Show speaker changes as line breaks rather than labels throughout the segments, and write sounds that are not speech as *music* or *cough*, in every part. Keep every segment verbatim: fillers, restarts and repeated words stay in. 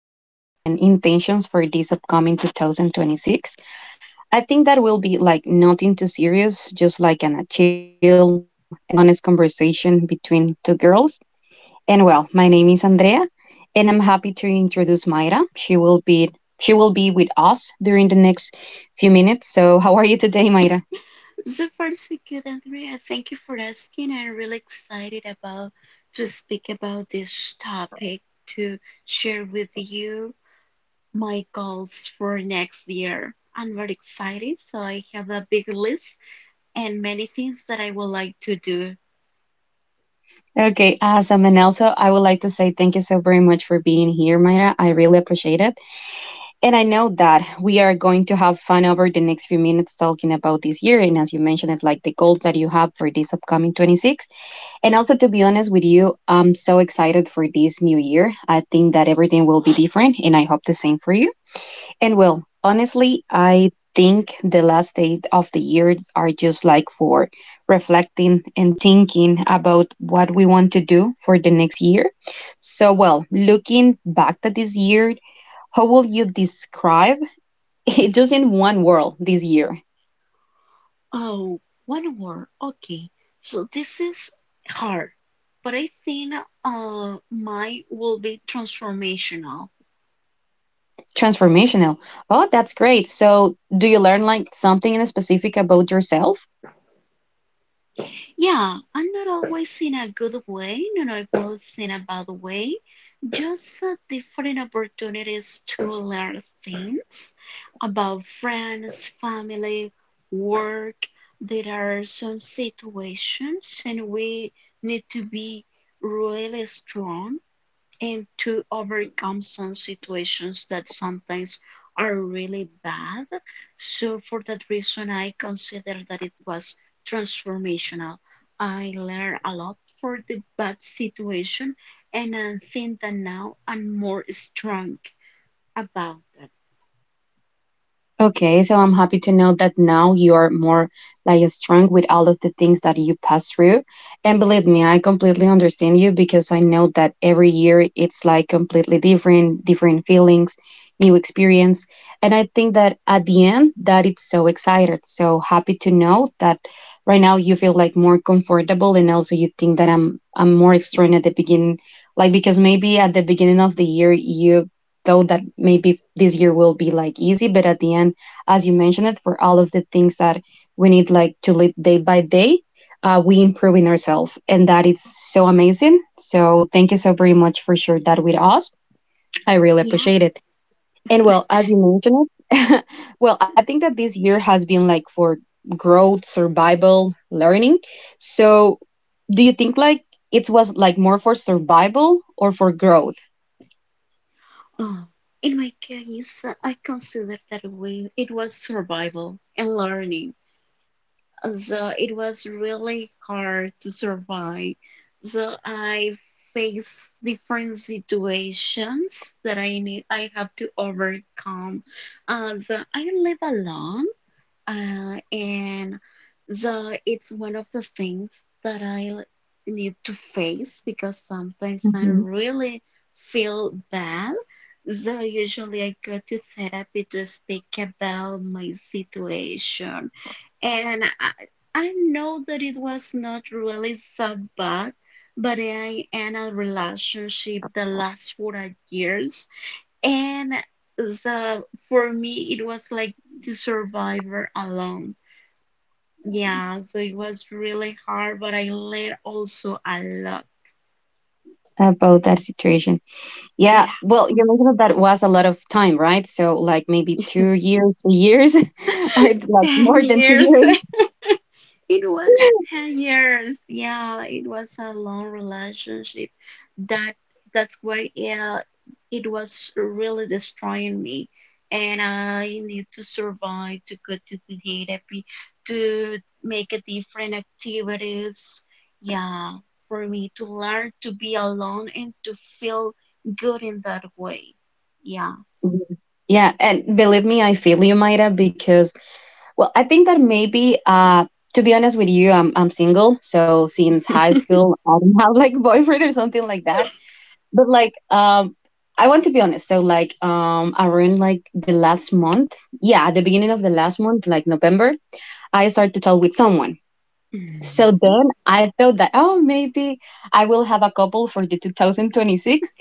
goals and intentions for this upcoming two thousand twenty-six. I think that will be like nothing too serious, just like an, a chill and honest conversation between two girls. And well, my name is Andrea, and I'm happy to introduce Mayra. She will be she will be with us during the next few minutes. So, how are you today, Mayra?
Super secure, Andrea. Thank you for asking. I'm really excited about to speak about this topic to share with you my goals for next year. I'm very excited, so I have a big list and many things that I would like to do.
Okay, awesome. And also, I would like to say thank you so very much for being here, Mayra. I really appreciate it. And I know that we are going to have fun over the next few minutes talking about this year. And as you mentioned, it like the goals that you have for this upcoming twenty-six. And also, to be honest with you, I'm so excited for this new year. I think that everything will be different, and I hope the same for you. And well, honestly, I think the last day of the years are just like for reflecting and thinking about what we want to do for the next year. So, well, looking back to this year, how will you describe *laughs* it just in one world this year?
Oh, one more. Okay. So this is hard, but I think uh mine will be transformational.
Transformational. Oh, that's great. So, do you learn like something in specific about yourself?
Yeah, and not always in a good way, not always in a bad way, just uh, different opportunities to learn things about friends, family, work. There are some situations, and we need to be really strong and to overcome some situations that sometimes are really bad. So, for that reason, I consider that it was transformational. I learned a lot for the bad situation, and I think that now I'm more strong about that.
Okay, so I'm happy to know that now you are more like strong with all of the things that you pass through. And believe me, I completely understand you because I know that every year it's like completely different, different feelings, new experience. And I think that at the end that it's so excited. So happy to know that right now you feel like more comfortable and also you think that I'm I'm more strong at the beginning. Like because maybe at the beginning of the year you thought that maybe this year will be like easy, but at the end as you mentioned it, for all of the things that we need like to live day by day, uh, we improve in ourselves. And that is so amazing. So thank you so very much for sharing that with us. I really
Yes.
appreciate it. And well, as you mentioned it, *laughs* well, I think that this year has been like for growth, survival, learning. So do you think like it was like more for survival or for growth
Oh. In my case, I consider that we, it was survival and learning. So it was really hard to survive. So I face different situations that I need I have to overcome. Uh, so I live alone, uh, and so it's one of the things that I l- need to face because sometimes I really feel bad. So usually I go to therapy to speak about my situation and I, I know that it was not really so bad, but I am in a relationship that lasts for a years, and so for me it was like to survive alone. Yeah, so it was really hard, but I learned also a lot.
about that situation? Yeah,
Yeah,
well, you mentioned that that was a lot of time, right? So, like maybe two years, three years, *laughs* or it's
*laughs*
like
ten
more than two
years.
years.
It was ten years. Yeah, it was a long relationship. That that's why, yeah, it was really destroying me. And I need to survive to go to the therapy to make a different activities. Yeah, for me to learn to be alone and to feel good in that way. Yeah.
Mhm. Yeah, and believe me, I feel you, Maida, because well, I think that maybe uh to be honest with you, I'm I'm single, so since high school I don't have like *laughs* boyfriend or something like that. But like um I want to be honest. So like um around like the last month, yeah, at the beginning of the last month, like November, I started to talk with someone. So then I thought that oh maybe I will have a couple for the two thousand twenty-six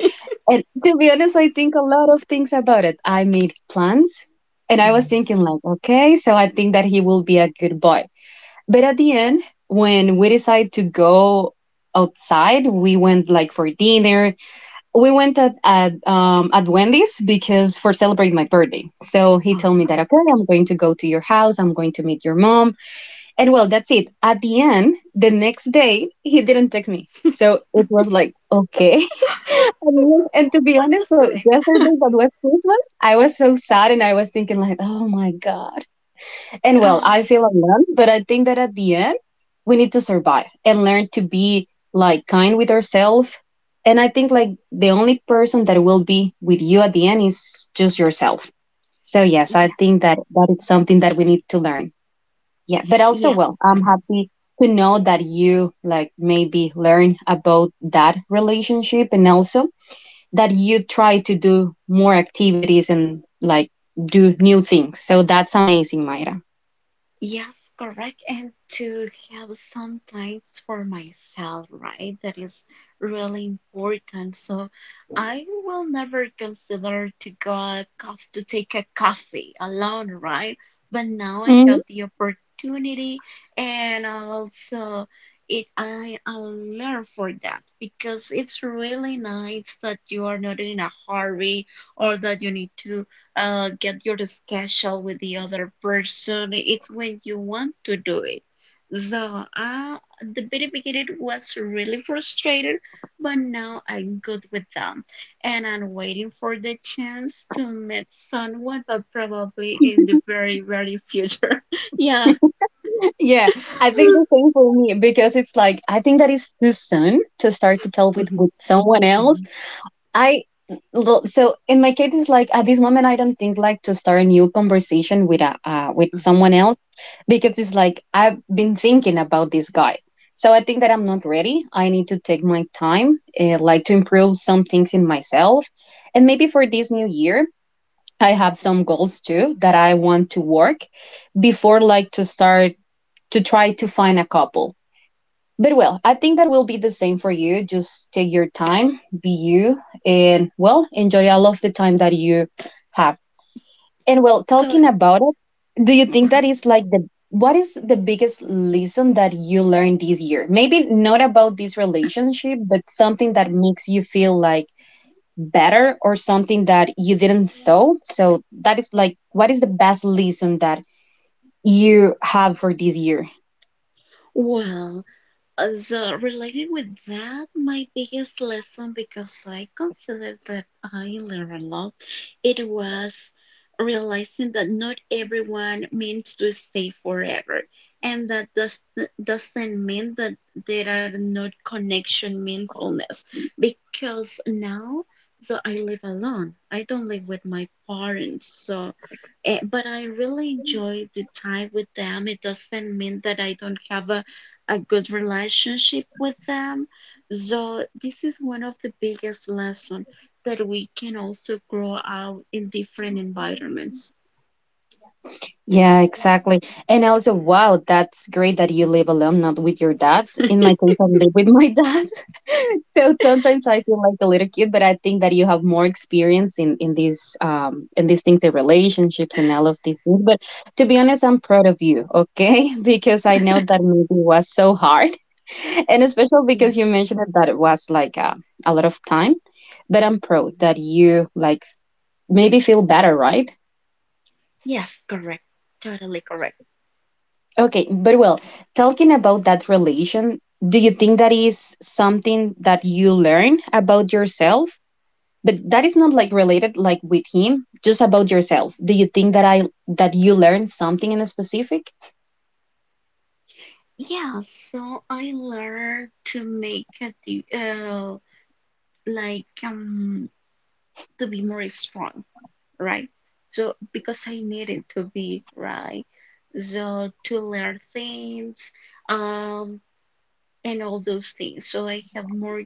and to be honest, I think a lot of things about it. I made plans and I was
mm
thinking, like, okay, so I think that he will be a good boy. But at the end, when we decided to go outside, we went like for dinner. We went at, at, um, at Wendy's because for celebrating my birthday. So he told me
Uh,
that, okay, I'm going to go to your house. I'm going to meet your mom. And well, that's it. At the end, the next day, he didn't text me. So it was like, okay. *laughs* and, and to be
what
honest,
was
so
going
yesterday that was Christmas, I was so sad and I was thinking like, oh my God. And
on?
well,
Uh,
I feel alone, but I think that at the end, we need to survive and learn to be like kind with ourselves. And I think like the only person that will be with you at the end is just yourself. So yes, I
yes.
think that that is something that we need to learn. Yeah, but also,
Yes.
well, I'm happy to know that you like maybe learn about that relationship and also that you try to do more activities and like do new things. So that's amazing, Mayra.
Yes, correct. And to have some times for myself, right? That is really important. So I will never consider to go a cof- to take a coffee alone, right? But now I
Mhm.
have the opportunity and also it I, I learn for that because it's really nice that you are not in a hurry or that you need to uh, get your schedule with the other person. It's when you want to do it. So, uh, at the very beginning was really frustrated, but now I'm good with them. And I'm waiting for the chance to meet someone, but probably in the very, very future. *laughs* Yeah.
Yeah, I think
*laughs*
the same for me because it's like I think that it's too soon to start to tell with
Mhm,
with someone else
mhm.
I lo- so in my case it's like at this moment I don't think like to start a new conversation with a uh, with someone else because it's like I've been thinking about this guy. So I think that I'm not ready. I need to take my time, uh, like to improve some things in myself, and maybe for this new year I have some goals too that I want to work before like to start to try to find a couple. But well, I think that will be the same for you. Just take your time, be you, and well, enjoy all of the time that you have. And well, talking
Totally.
about it, do you think that is like the what is the biggest lesson that you learned this year? Maybe not about this relationship, but something that makes you feel like better or something that you didn't thought. So that is like what is the best lesson that you have for this year?
Well, Uh, So, related with that, my biggest lesson, because I consider that I learned a lot, it was realizing that not everyone means to stay forever. And that does, doesn't mean that there are not connection meaningfulness. Because now, so I live alone. I don't live with my parents. So, eh, but I really enjoy the time with them. It doesn't mean that I don't have a a good relationship with them. So this is one of the biggest lessons that we can also grow out in different environments.
Yeah, exactly. And also, wow, that's great that you live alone, not with your dad. In my case, I live with my dad. *laughs* so sometimes I feel like a little kid, but I think that you have more experience in, in these um in these things, the relationships and all of these things. But to be honest, I'm proud of you, okay? *laughs* Because I know that maybe was so hard. *laughs* And especially
Yeah.
because you mentioned it, that it was like a, a lot of time. But I'm proud that you like maybe feel better, right?
Yes, correct. Totally correct.
Okay, but well, talking about that relation, do you think that is something that you learn about yourself? But that is not like related like with him, just about yourself. Do you think that I that you learn something in a specific?
Yeah, so I learned to make a di- uh, like um to be more strong, right? So because I needed to be, right? So to learn things, um and all those things. So I have more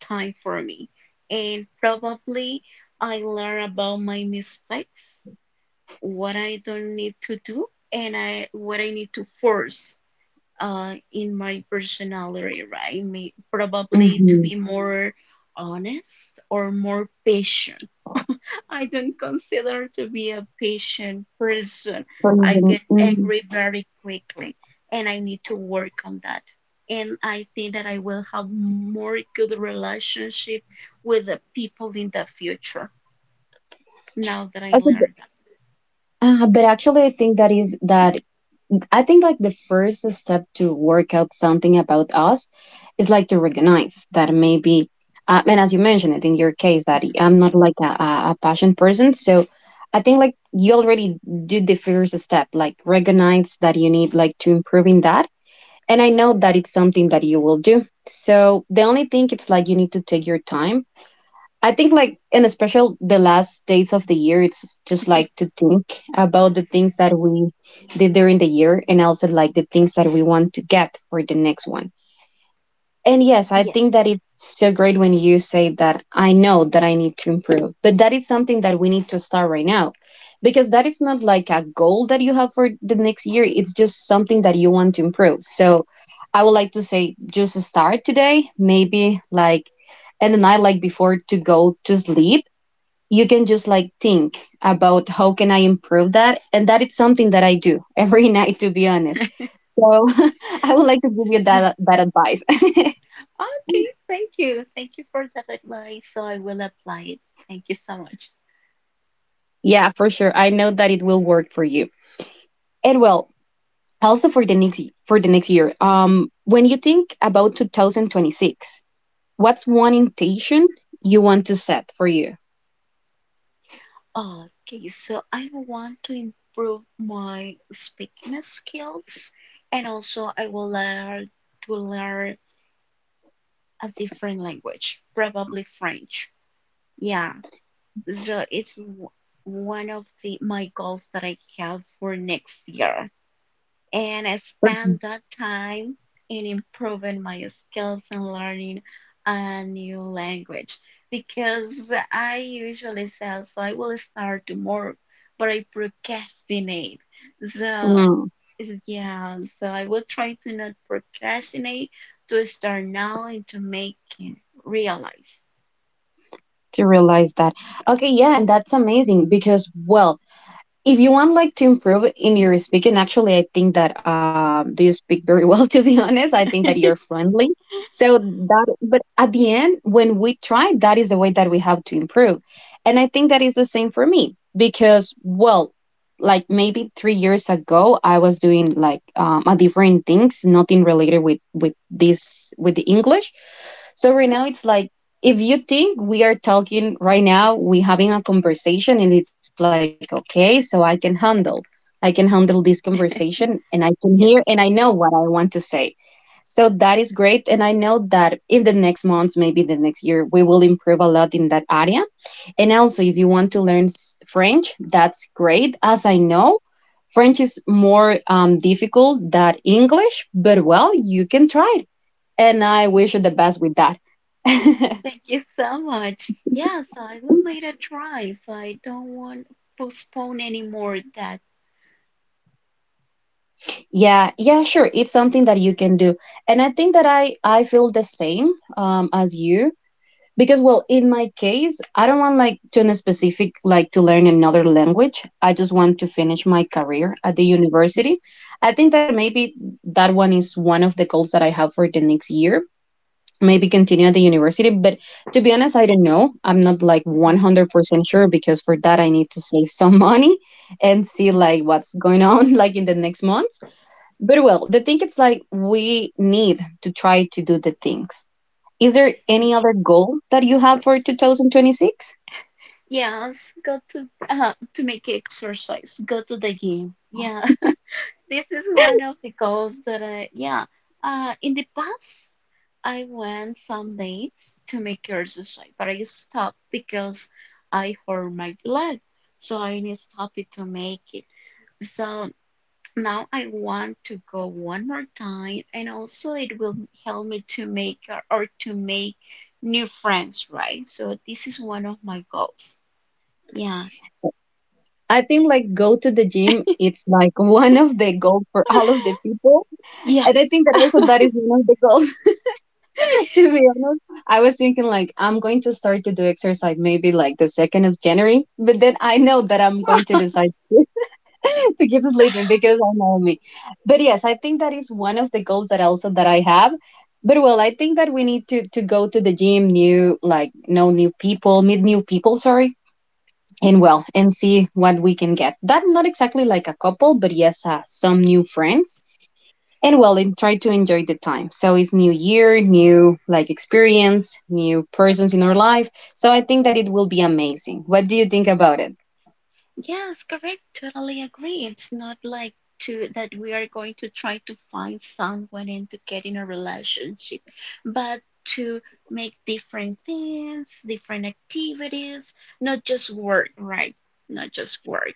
time for me. And probably I learn about my mistakes, what I don't need to do, and I what I need to force uh, in my personality, right? May, probably to
Mm-hmm.
be more honest or more patient. I don't consider to be a patient person. I get angry very quickly, and I need to work on that. And I think that I will have more good relationship with the people in the future now that I
Okay, but,
learned that.
uh, but actually, I think that is that I think like the first step to work out something about us is like to recognize that maybe, uh, and as you mentioned it in your case, that I'm
*laughs*
not like a, a a passion person. So I think like you already did the first step, like recognize that you need like to improve in that. And I know that it's something that you will do. So the only thing it's like you need to take your time I think like and especially the last days of the year, it's just like to think about the things that we did during the year and also like the things that we want to get for the next one. And yes, I
Yeah.
think that it's so great when you say that I know that I need to improve, but that is something that we need to start right now because that is not like a goal that you have for the next year. It's just something that you want to improve. So I would like to say just start today, maybe like, and the night like before to go to sleep. You can just like think about how can I improve that, and that is something that I do every *laughs* night. To be honest, so *laughs* I would like to give you
Yeah.
that that advice. *laughs*
Okay. Thank you. Thank you for that advice. So I will apply it. Thank you so much.
Yeah, for sure. I know that it will work for you. And well, also for the next for the next year. Um when you think about two thousand twenty-six, what's one intention you want to set for you?
Okay, so I want to improve my speaking skills and also I will learn to learn a different language, probably French. Yeah, so it's w- one of the my goals that I have for next year and I spent that time in improving my skills and learning a new language because I usually say so I will start tomorrow, but I procrastinate. So
Mm,
yeah, so I will try to not procrastinate to start now and to make it realize.
to realize that. Okay, yeah, and that's amazing because well, if you want like to improve in your speaking actually I think that um do you speak very well *laughs* to be honest I think that you're friendly so that but at the end when we try that is the way that we have to improve and I think that is the same for me because well like maybe three years ago I was doing like um, a different things nothing related with with this with the english so right
Hmm?
now it's like if you think we are talking right now, we having a conversation and it's like, okay, so I can handle. I can handle this conversation and I can hear
Yes.
and I know what I want to say. So that is great. And I know that in the next months, maybe the next year, we will improve a lot in that area. And also, if you want to learn s- French, that's great. As I know, French is more um, difficult than English, but well, you can try it. And I wish you the best with that. *laughs*
Thank you so much. Yeah, so I will make a try. So I don't want postpone anymore that.
Yeah, yeah, sure. It's something that you can do. And I think that I I feel the same um as you because, well, in my case, I don't want like to a specific like to learn another language. I just want to finish my career at the university. I think that maybe that one is one of the goals that I have for the next year. Maybe continue at the university, but to be honest, I don't know. I'm not like
Mhm.
one hundred percent sure because for that I need to save some *laughs* money and see like what's going on like in the next months very well. The thing it's like we need to try to do the things. Is there any other goal that you have for twenty twenty-six?
Yes, go to uh, to make exercise, go to the gym. Yeah, *laughs* this is one
*laughs*
of the goals that I, yeah, uh, in the past, I went some days to make exercise, but I stopped because I hurt my leg, so I need stop it to make it. So now I want to go one more time, and also it will help me to make uh, or to make new friends, right? So this is one of my goals. Yeah.
I think like go to the gym. It's like one of the goals for all of the people,
Yes,
and I think that also that is one of the goals. *laughs* To be honest, I was thinking like I'm going to start to do exercise maybe like the second of January, but then I know that I'm going to decide *laughs* to keep sleeping because I know me. But yes, I think that is one of the goals that also that I have. But well, I think that we need to to go to the gym, new like know new people, meet new people. Sorry, and well, and see what we can get. That not exactly like a couple, but yes, uh, some new friends. And well, and try to enjoy the time. So it's new year, new like experience, new persons in our life. So I think that it will be amazing. What do you think about
yes, correct. Totally agree. It's not like to that we are going to try to find someone and to get in a relationship, but to make different things, different activities, not just work, right? Not just work.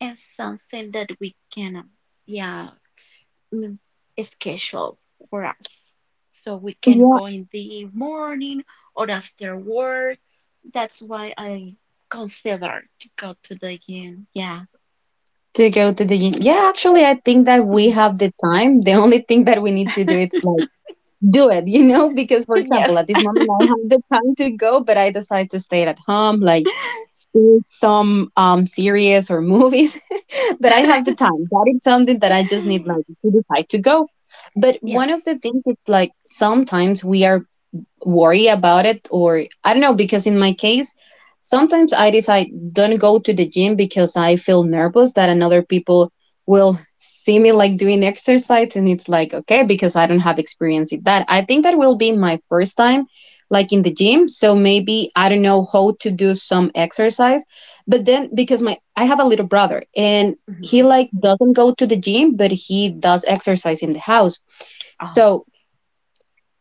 And something that we can, um, yeah, mm, schedule for us. So we can
it?
go in the morning or after work. That's why I consider to go to the gym. Yeah.
To go to the gym. Yeah, actually, I think that we
Mhm.
have the time. The only thing that we need to do is like do it, you know? *laughs* Because,
*laughs*
for
Yes.
example, at this moment, I have the time to go, but I decide to stay at home, like see some um series or movies. *laughs* But I have the time. That is something that I just need like to decide to go. But
Yes.
one of the things is like sometimes we are worry about it or I don't know, because in my case sometimes I decide don't go to the gym because I feel nervous that another people will see me like doing exercise. And it's like, okay, because I don't have experience in that. I think that will be my first time like in the gym, so maybe I don't know how to do some exercise. But then, because my I have a little brother and he
hmm
like doesn't go to the gym, but he does exercise in the house.
Oh,
So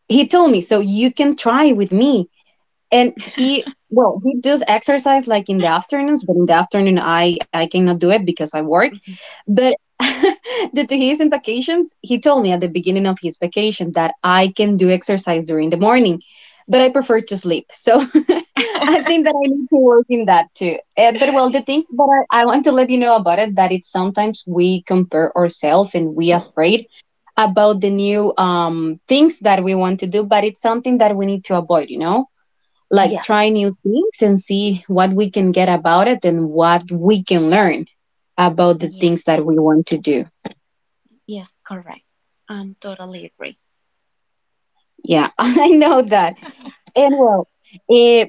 he told me, so you can try with me, and he, well, he does exercise like in the afternoons. But in the afternoon i i cannot do it because I work, but *laughs* due to his in vacations, he told me at the beginning of his vacation that I can do exercise during the morning, but I prefer to sleep. So *laughs* I think that I need to work in that too. Uh, but well, the thing that I, I want to let you know about it, that it's sometimes we compare ourselves and we afraid about the new um, things that we want to do, but it's something that we need to avoid, you know, like
yes.
try new things and see what we can get about it and what we can learn about the
Yes.
things that we want to do.
Yes. Correct. I'm totally agree.
Yeah, *laughs* I know that. And well, eh,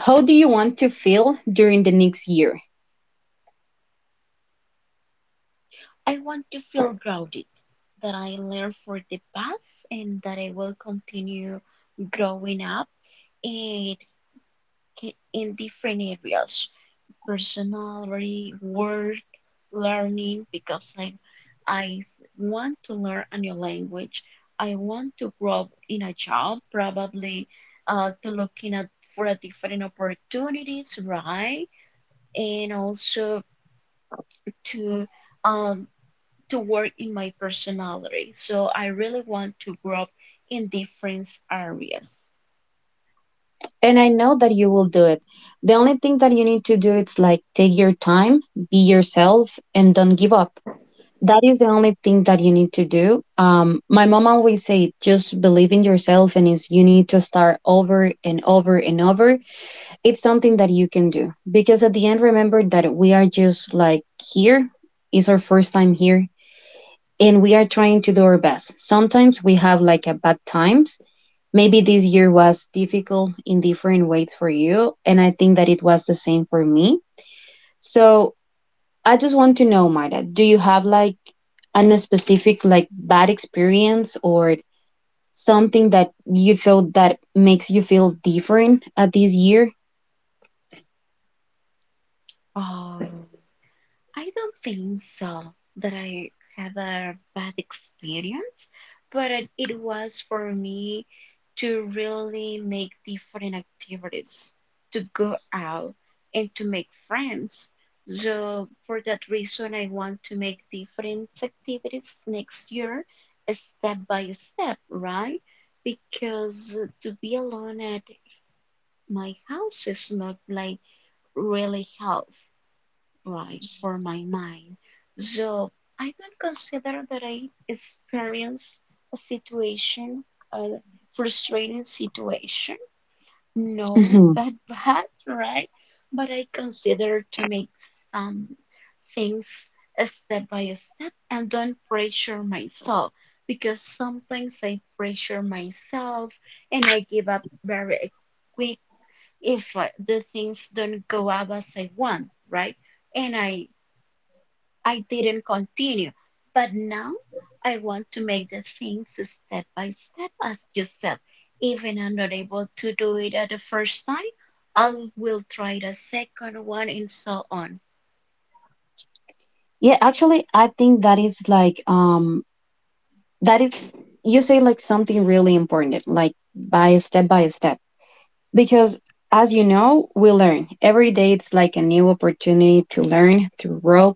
how do you want to feel during the next year?
I want to feel grounded, that I learn for the past and that I will continue growing up in in different areas personality, work learning because I, I want to learn a new language. I want to grow in a job, probably uh, to looking at for a different opportunities, right? And also to um, to work in my personality. So I really want to grow in different areas.
And I know that you will do it. The only thing that you need to do is like take your time, be yourself, and don't give up. That is the only thing that you need to do. Um, my mom always say, just believe in yourself, and is you need to start over and over and over. It's something that you can do because at the end, remember that we are just like here, it's our first time here and we are trying to do our best. Sometimes we have like a bad times. Maybe this year was difficult in different ways for you, and I think that it was the same for me. So I just want to know, Marta, do you have like an specific like bad experience or something that you thought that makes you feel different at this year?
Oh, I don't think so that I have a bad experience, but it it was for me to really make different activities, to go out and to make friends. So for that reason, I want to make different activities next year, uh, step by step, right? Because to be alone at my house is not like really health right for my mind. So I don't consider that I experience a situation, a frustrating situation. No, that bad, *laughs* right? But I consider to make some things a step by a step and don't pressure myself because sometimes I pressure myself and I give up very quick if uh, the things don't go up as I want, right? And I I didn't continue. But now I want to make the things step by step as you said. If I'm not able to do it at the first time, I will try the second one and so on.
Yeah, actually, I think that is like um that is, you say like something really important, like by step by step. Because as you know, we learn. Every day it's like a new opportunity to learn, to grow,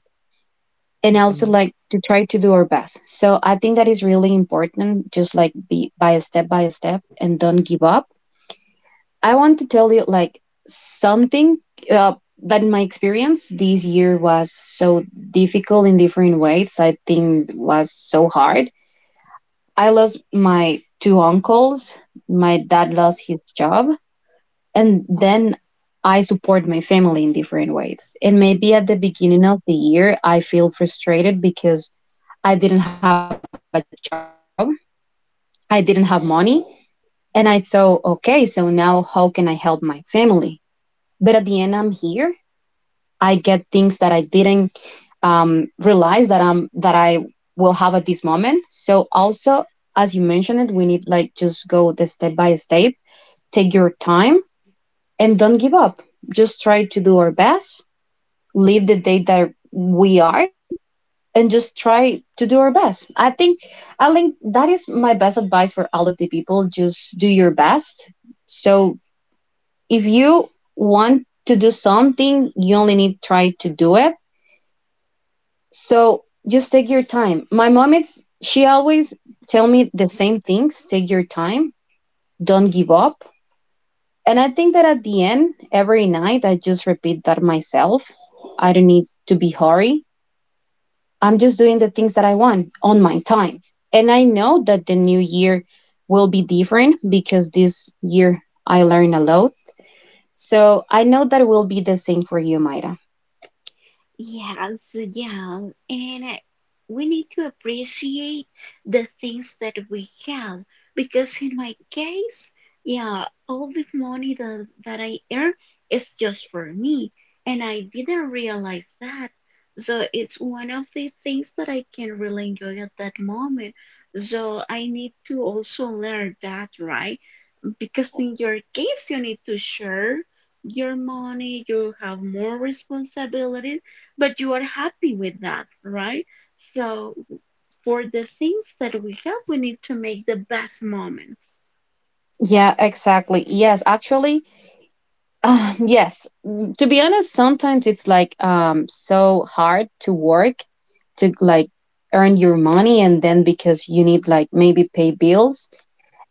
and also
Mhm.
like to try to do our best. So I think that is really important, just like be by step by step and don't give up. I want to tell you like something, uh, that in my experience this year was so difficult in different ways. I think was so hard. I lost my two uncles. My dad lost his job, and
Uh, mm-hmm.
then I support my family in different ways. And maybe at the beginning of the year, I feel frustrated because I didn't have a job. I didn't have money. And I thought, okay, so now how can I help my family? But at the end, I'm here. I get things that I didn't um, realize that um that I will have at this moment. So also, as you mentioned it, we need like just go the step by step, take your time, and don't give up. Just try to do our best, live the day that we are, and just try to do our best. I think I think that is my best advice for all of the people. Just do your best. So if you want to do something, you only need try to do it. So just take your time. My mom, it's she always tell me the same things. Take your time. Don't give up. And I think that at the end, every night, I just repeat that myself. I don't need to be hurry. I'm just doing the things that I want on my time. And I know that the new year will be different because this year I learned a lot. So I know that will be the same for you, Mayra.
Yes, yeah, and uh, we need to appreciate the things that we have because in my case, yeah, all the money that, that I earn is just for me, and I didn't realize that. So it's one of the things that I can really enjoy at that moment. So I need to also learn that, right? Because in your case, you need to share your money, you have more responsibility, but you are happy with that, right? So, for the things that we have, we need to make the best moments.
Yeah, exactly. Yes, actually, Um, yes. Mm, to be honest, sometimes it's like um so hard to work to like earn your money, and then because you need like maybe pay bills,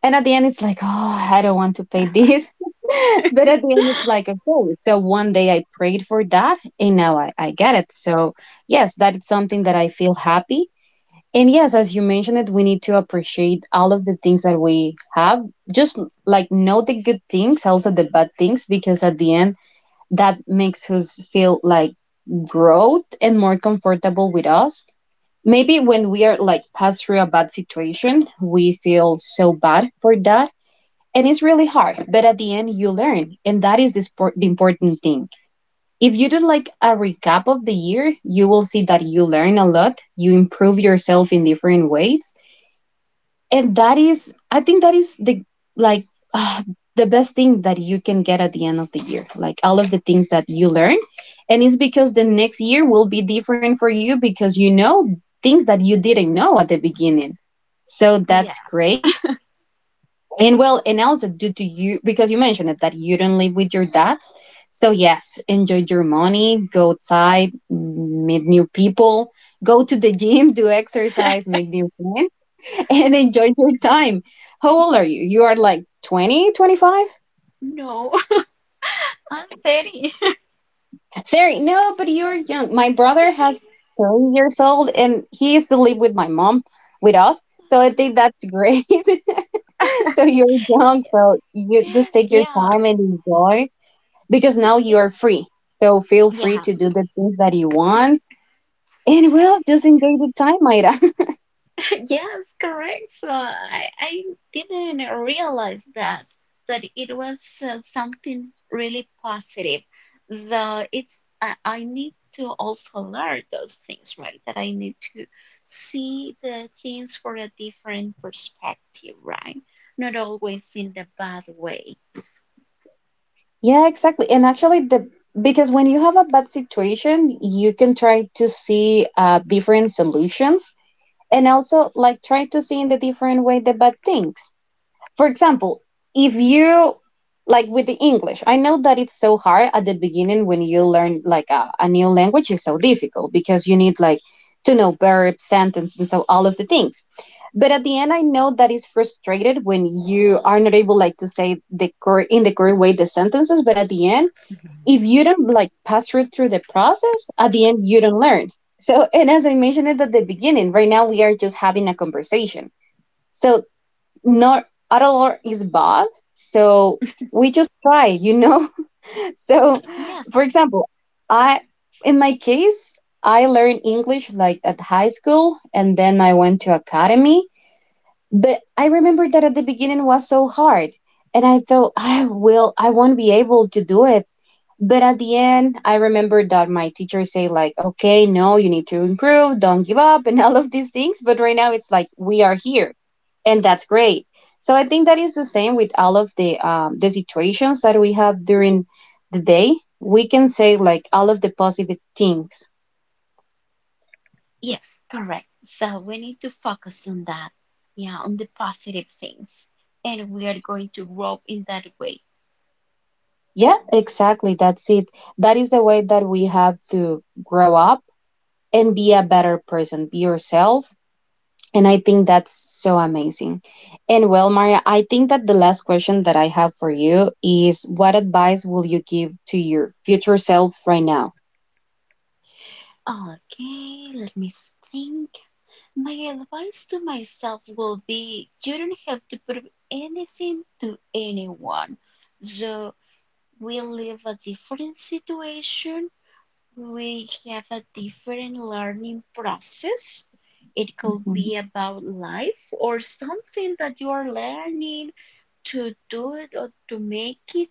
and at the end it's like, oh, I don't want to pay this, *laughs* but at the end it's like, okay, so one day I prayed for that and now I, I get it. So yes, that is something that I feel happy. And yes, as you mentioned it, we need to appreciate all of the things that we have, just like know the good things, also the bad things, because at the end that makes us feel like growth and more comfortable with us. Maybe when we are like passed through a bad situation, we feel so bad for that. And it's really hard, but at the end, you learn. And that is the, sport, the important thing. If you do like a recap of the year, you will see that you learn a lot, you improve yourself in different ways, and that is, i think that is the like uh, the best thing that you can get at the end of the year, like all of the things that you learn. And it's because the next year will be different for you because you know things that you didn't know at the beginning. So
Yeah,
that's great. And well, and also due to you, because you mentioned it that you don't live with your dads, so yes, enjoy your money, go outside, meet new people, go to the gym, *laughs* do exercise, make new friends, *laughs* and enjoy your time. How old are you? You are like twenty, twenty-five.
no. *laughs* I'm very
25? thirty. No, but you're young. My brother has thirty years old and he used to live with my mom, with us. So I think that's great. *laughs* So you're young, so you just
*laughs*
take your
yeah,
time and enjoy because now you
it,
are free. So feel free
yeah.
to do the things that you want. And well, just enjoy the time, Mayra. *laughs*
Yes, correct. So I, I didn't realize that that it was uh, something really positive. So it's I, I need to also learn those things, right? That I need to see the things for a different perspective, right? Not always in the bad way.
Yeah, exactly. And actually, the because when you have a bad situation, you can try to see, uh, different solutions, and also like try to see in the different way the bad things. For example, if you like with the English, I know that it's so hard at the beginning when you learn like a, a new language is so difficult because you need like to know verbs, sentence, and so all of the things. But at the end, I know that is frustrated when you are not able like to say the cor- in the correct way the sentences. But at the end, if
Mhm.
you don't like pass through through the process, at the end you don't learn. So, and as I mentioned it at the beginning, right now we are just having a conversation. So not Adalor is bad. So we just tried, you know? *laughs* So,
Yes,
for example, I, in my case, I learned English like at high school and then I went to academy. But I remember that at the beginning was so hard. And I thought, I will, I won't be able to do it. But at the end, I remember that my teacher say like, okay, no, you need to improve, don't give up, and *laughs* all of these things. But right now, it's like we are here, and that's great. So I think that is the same with all of the um, the situations that we have during the day. We can say like all of the positive things.
yes, correct. So we need to focus on that. Yeah, on the positive things. And we are going to grow in that way.
Yeah, exactly. That's it. That is the way that we have to grow up and be a better person. Be yourself. And I think that's so amazing. And well, Maria, I think that the last question that I have for you is, what advice will you give to your future self right now?
Okay, let me think. My advice to myself will be you don't have to prove anything to anyone. So we live a different situation, we have a different learning process. It could
Mhm.
be about life or something that you are learning to do it or to make it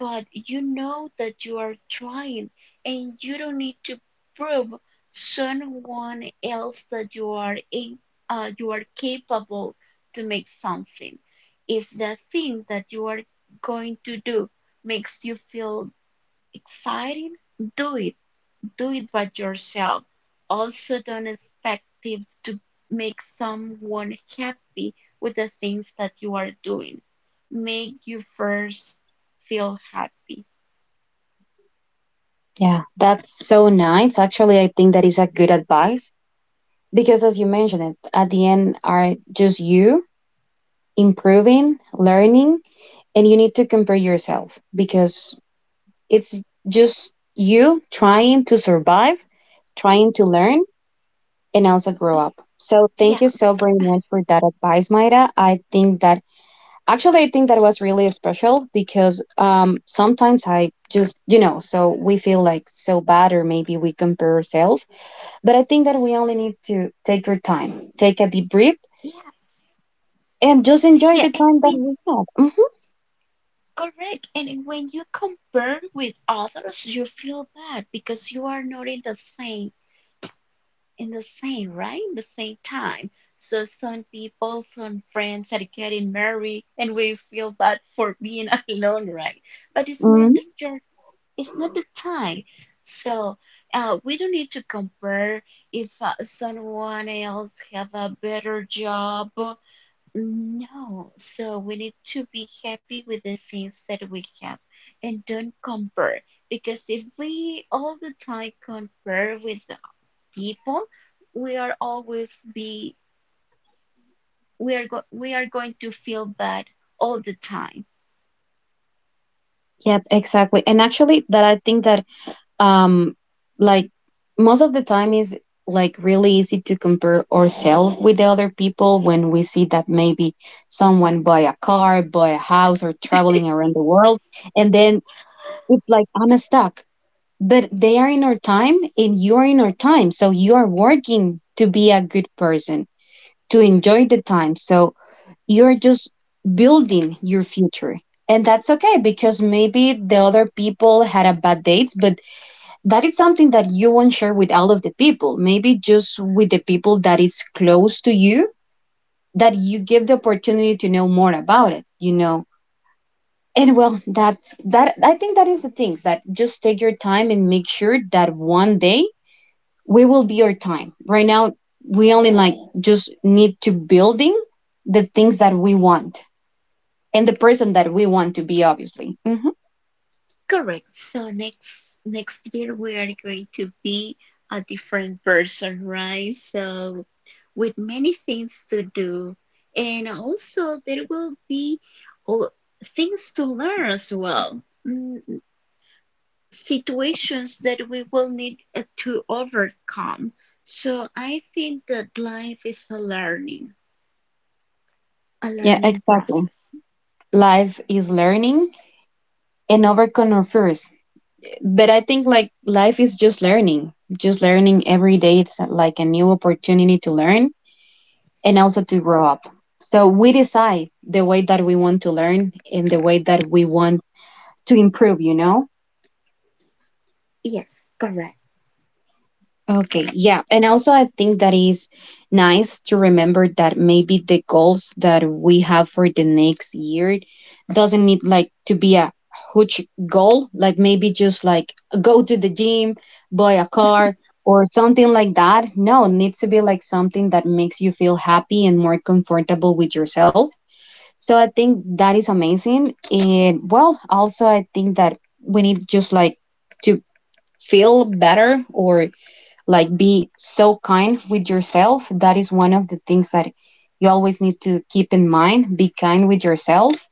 but you know that you are trying and you don't need to prove someone else that you are a, uh, you are capable to make something if the thing that you are going to do makes you feel exciting do it do it by yourself also don't expect it to make someone happy with the things that you are doing make you first feel happy.
Yeah, that's so nice. Actually, I think that is a good advice because, as you mentioned, it at the end are just you improving, learning, and you need to compare yourself because it's just you trying to survive, trying to learn, and also grow up.
Y-
So thank you so
Yes,
very much for that advice, Maida. I think that actually I think that was really special because um sometimes I just you know so we feel like so bad or maybe we compare ourselves, but I think that we only need to take our time, take a deep breath,
yes.
and
Yeah,
just
and
enjoy
when
the time that we have. Mhm.
correct, and when you compare with others, you feel bad because you are not in the same in the same right in the same time. So some people, some friends are getting married, and we feel bad for being *laughs* alone, right? But it's not
Mhm.
the your it's not the time. So uh, we don't need to compare if uh, someone else have a better job. No, so we need to be happy with the things that we have and don't compare because if we all the time compare with the people, we are always be we are go we are going to feel bad all the time.
Yep, exactly. And actually, that I think that um like most of the time is like really easy to compare ourselves with the other people when we see that maybe someone buy a car buy a house or traveling around the world, and then it's like I'm stuck, but they are in our time and you're in our time, so you are working to be a good person, to enjoy the time, so you're just building your future, and that's okay, because maybe the other people had a bad date, but that is something that you won't share with all of the people, maybe just with the people that is close to you, that you give the opportunity to know more about it, you know? And well, that's that I think that is the things that just take your time and make sure that one day we will be your time right now we only like just need to building the things that we want and the person that we want to be obviously. Hmm.
Correct. So next next year we are going to be a different person, right? So with many things to do, and also there will be oh, things to learn as well. Mm, situations that we will need uh, to overcome. So I think that life is a learning, a
Yeah,
learning
exactly.
process.
Life is learning and overcome our fears, but I think like life is just learning, just learning every day. It's like a new opportunity to learn and also to grow up. So we decide the way that we want to learn and the way that we want to improve, you know?
Yes, correct.
Okay, yeah. And also, I think that is nice to remember that maybe the goals that we have for the next year doesn't need like to be a huge goal, like maybe just like go to the gym, buy a car, or something like that. No, it needs to be like something that makes you feel happy and more comfortable with yourself. So I think that is amazing. And well, also, I think that we need just like to feel better or like be so kind with yourself. That is one of the things that you always need to keep in mind, be kind with yourself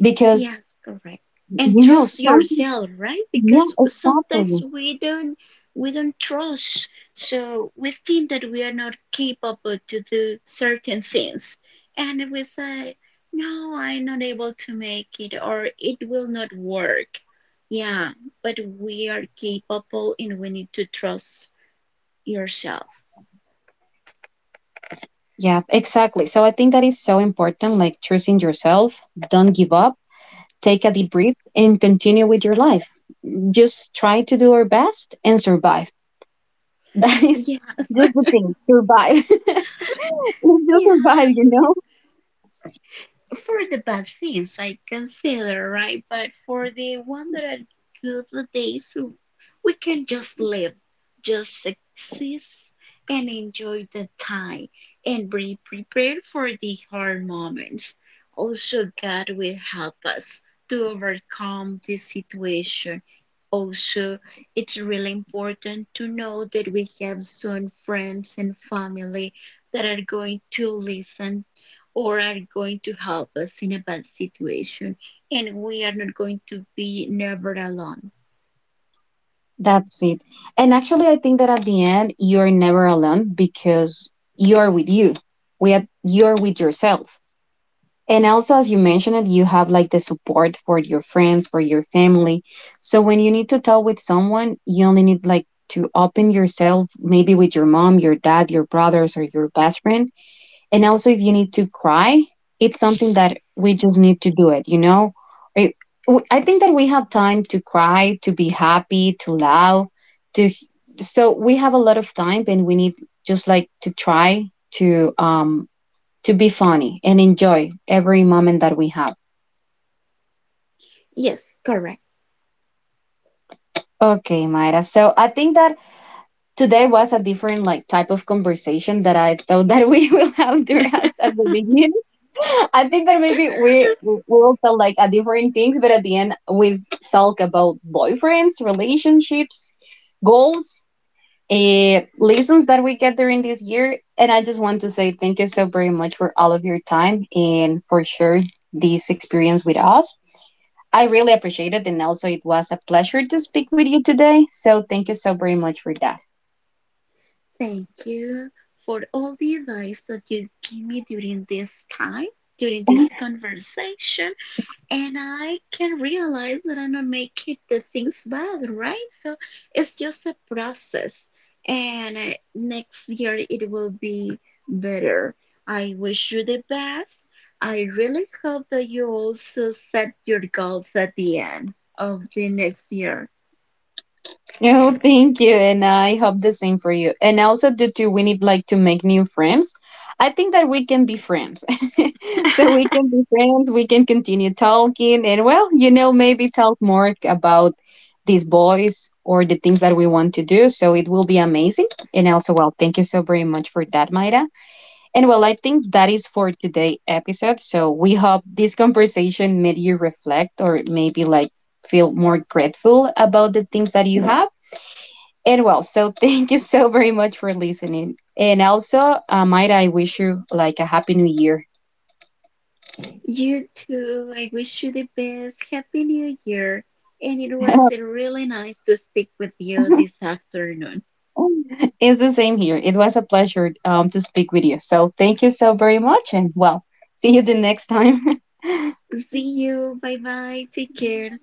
because
Yes, correct. And
you know
trust
some
yourself, right?
yeah
Because
exactly
sometimes we don't we don't trust. So we think that we are not capable to do certain things. And we say, no, I'm not able to make it or it will not work. Yeah, but we are capable and we need to trust yourself.
yeah exactly, so I think that is so important, like trusting yourself, don't give up, take a deep breath, and continue with your life, just try to do our best and survive. *laughs* that is
*laughs*
just the thing, survive, *laughs*
Yeah.
just survive, you
Yeah.
know?
For the bad things I consider, right? But for the one that are good days, we can just live, just exist and enjoy the time and be prepared for the hard moments. Also, God will help us to overcome this situation. Also, it's really important to know that we have some friends and family that are going to listen or are going to help us in a bad situation and we are not going to be never alone.
That's it. And actually, I think that at the end, you're never alone because you're with you. We are, you're with yourself. And also, as you mentioned it, you have like the support for your friends, for your family. So when you need to talk with someone, you only need like to open yourself, maybe with your mom, your dad, your brothers, or your best friend. And also, if you need to cry, it's something that we just need to do it, you know? It- w- I think that we have time to cry, to be happy, to laugh, to. h- so we have a lot of time and we need just like to try to um to be funny and enjoy every moment that we have.
Yes, correct.
Okay, Mayra. So I think that today was a different like type of conversation that I thought that we *laughs* will have there as at the beginning. I think that maybe we we all felt like at different things, but at the end we talk about boyfriends, relationships, goals, uh, lessons that we get during this year. And I just want to say thank you so very much for all of your time and for sure this experience with us. I really appreciate it, and also it was a pleasure to speak with you today. So thank you so very much for that.
Thank you for all the advice that you give me during this time, during this conversation. And I can realize that I'm not making the things bad, right? So it's just a process, and uh, next year it will be better. I wish you the best. I really hope that you also set your goals at the end of the next year.
Oh, thank you. And I hope the same for you. And also, due to we need like to make new friends, I think that we can be friends. *laughs* so we can be friends, we can continue talking, and well, you know, maybe talk more about these boys or the things that we want to do. So it will be amazing. And also, well, thank you so very much for that, Maida. And well, I think that is for today episode. So we hope this conversation made you reflect or maybe like feel more grateful about the things that you have. And well, so *laughs* thank you so very much for listening. And also, uh, might I wish you like a happy new year.
You too. I wish you the best. Happy New Year. And it was uh, really nice to speak with you this
*laughs*
afternoon.
it's the same here. It was a pleasure um, to speak with you. So thank you so very much. And well, see you the next time. *laughs*
See you. Bye bye. Take care.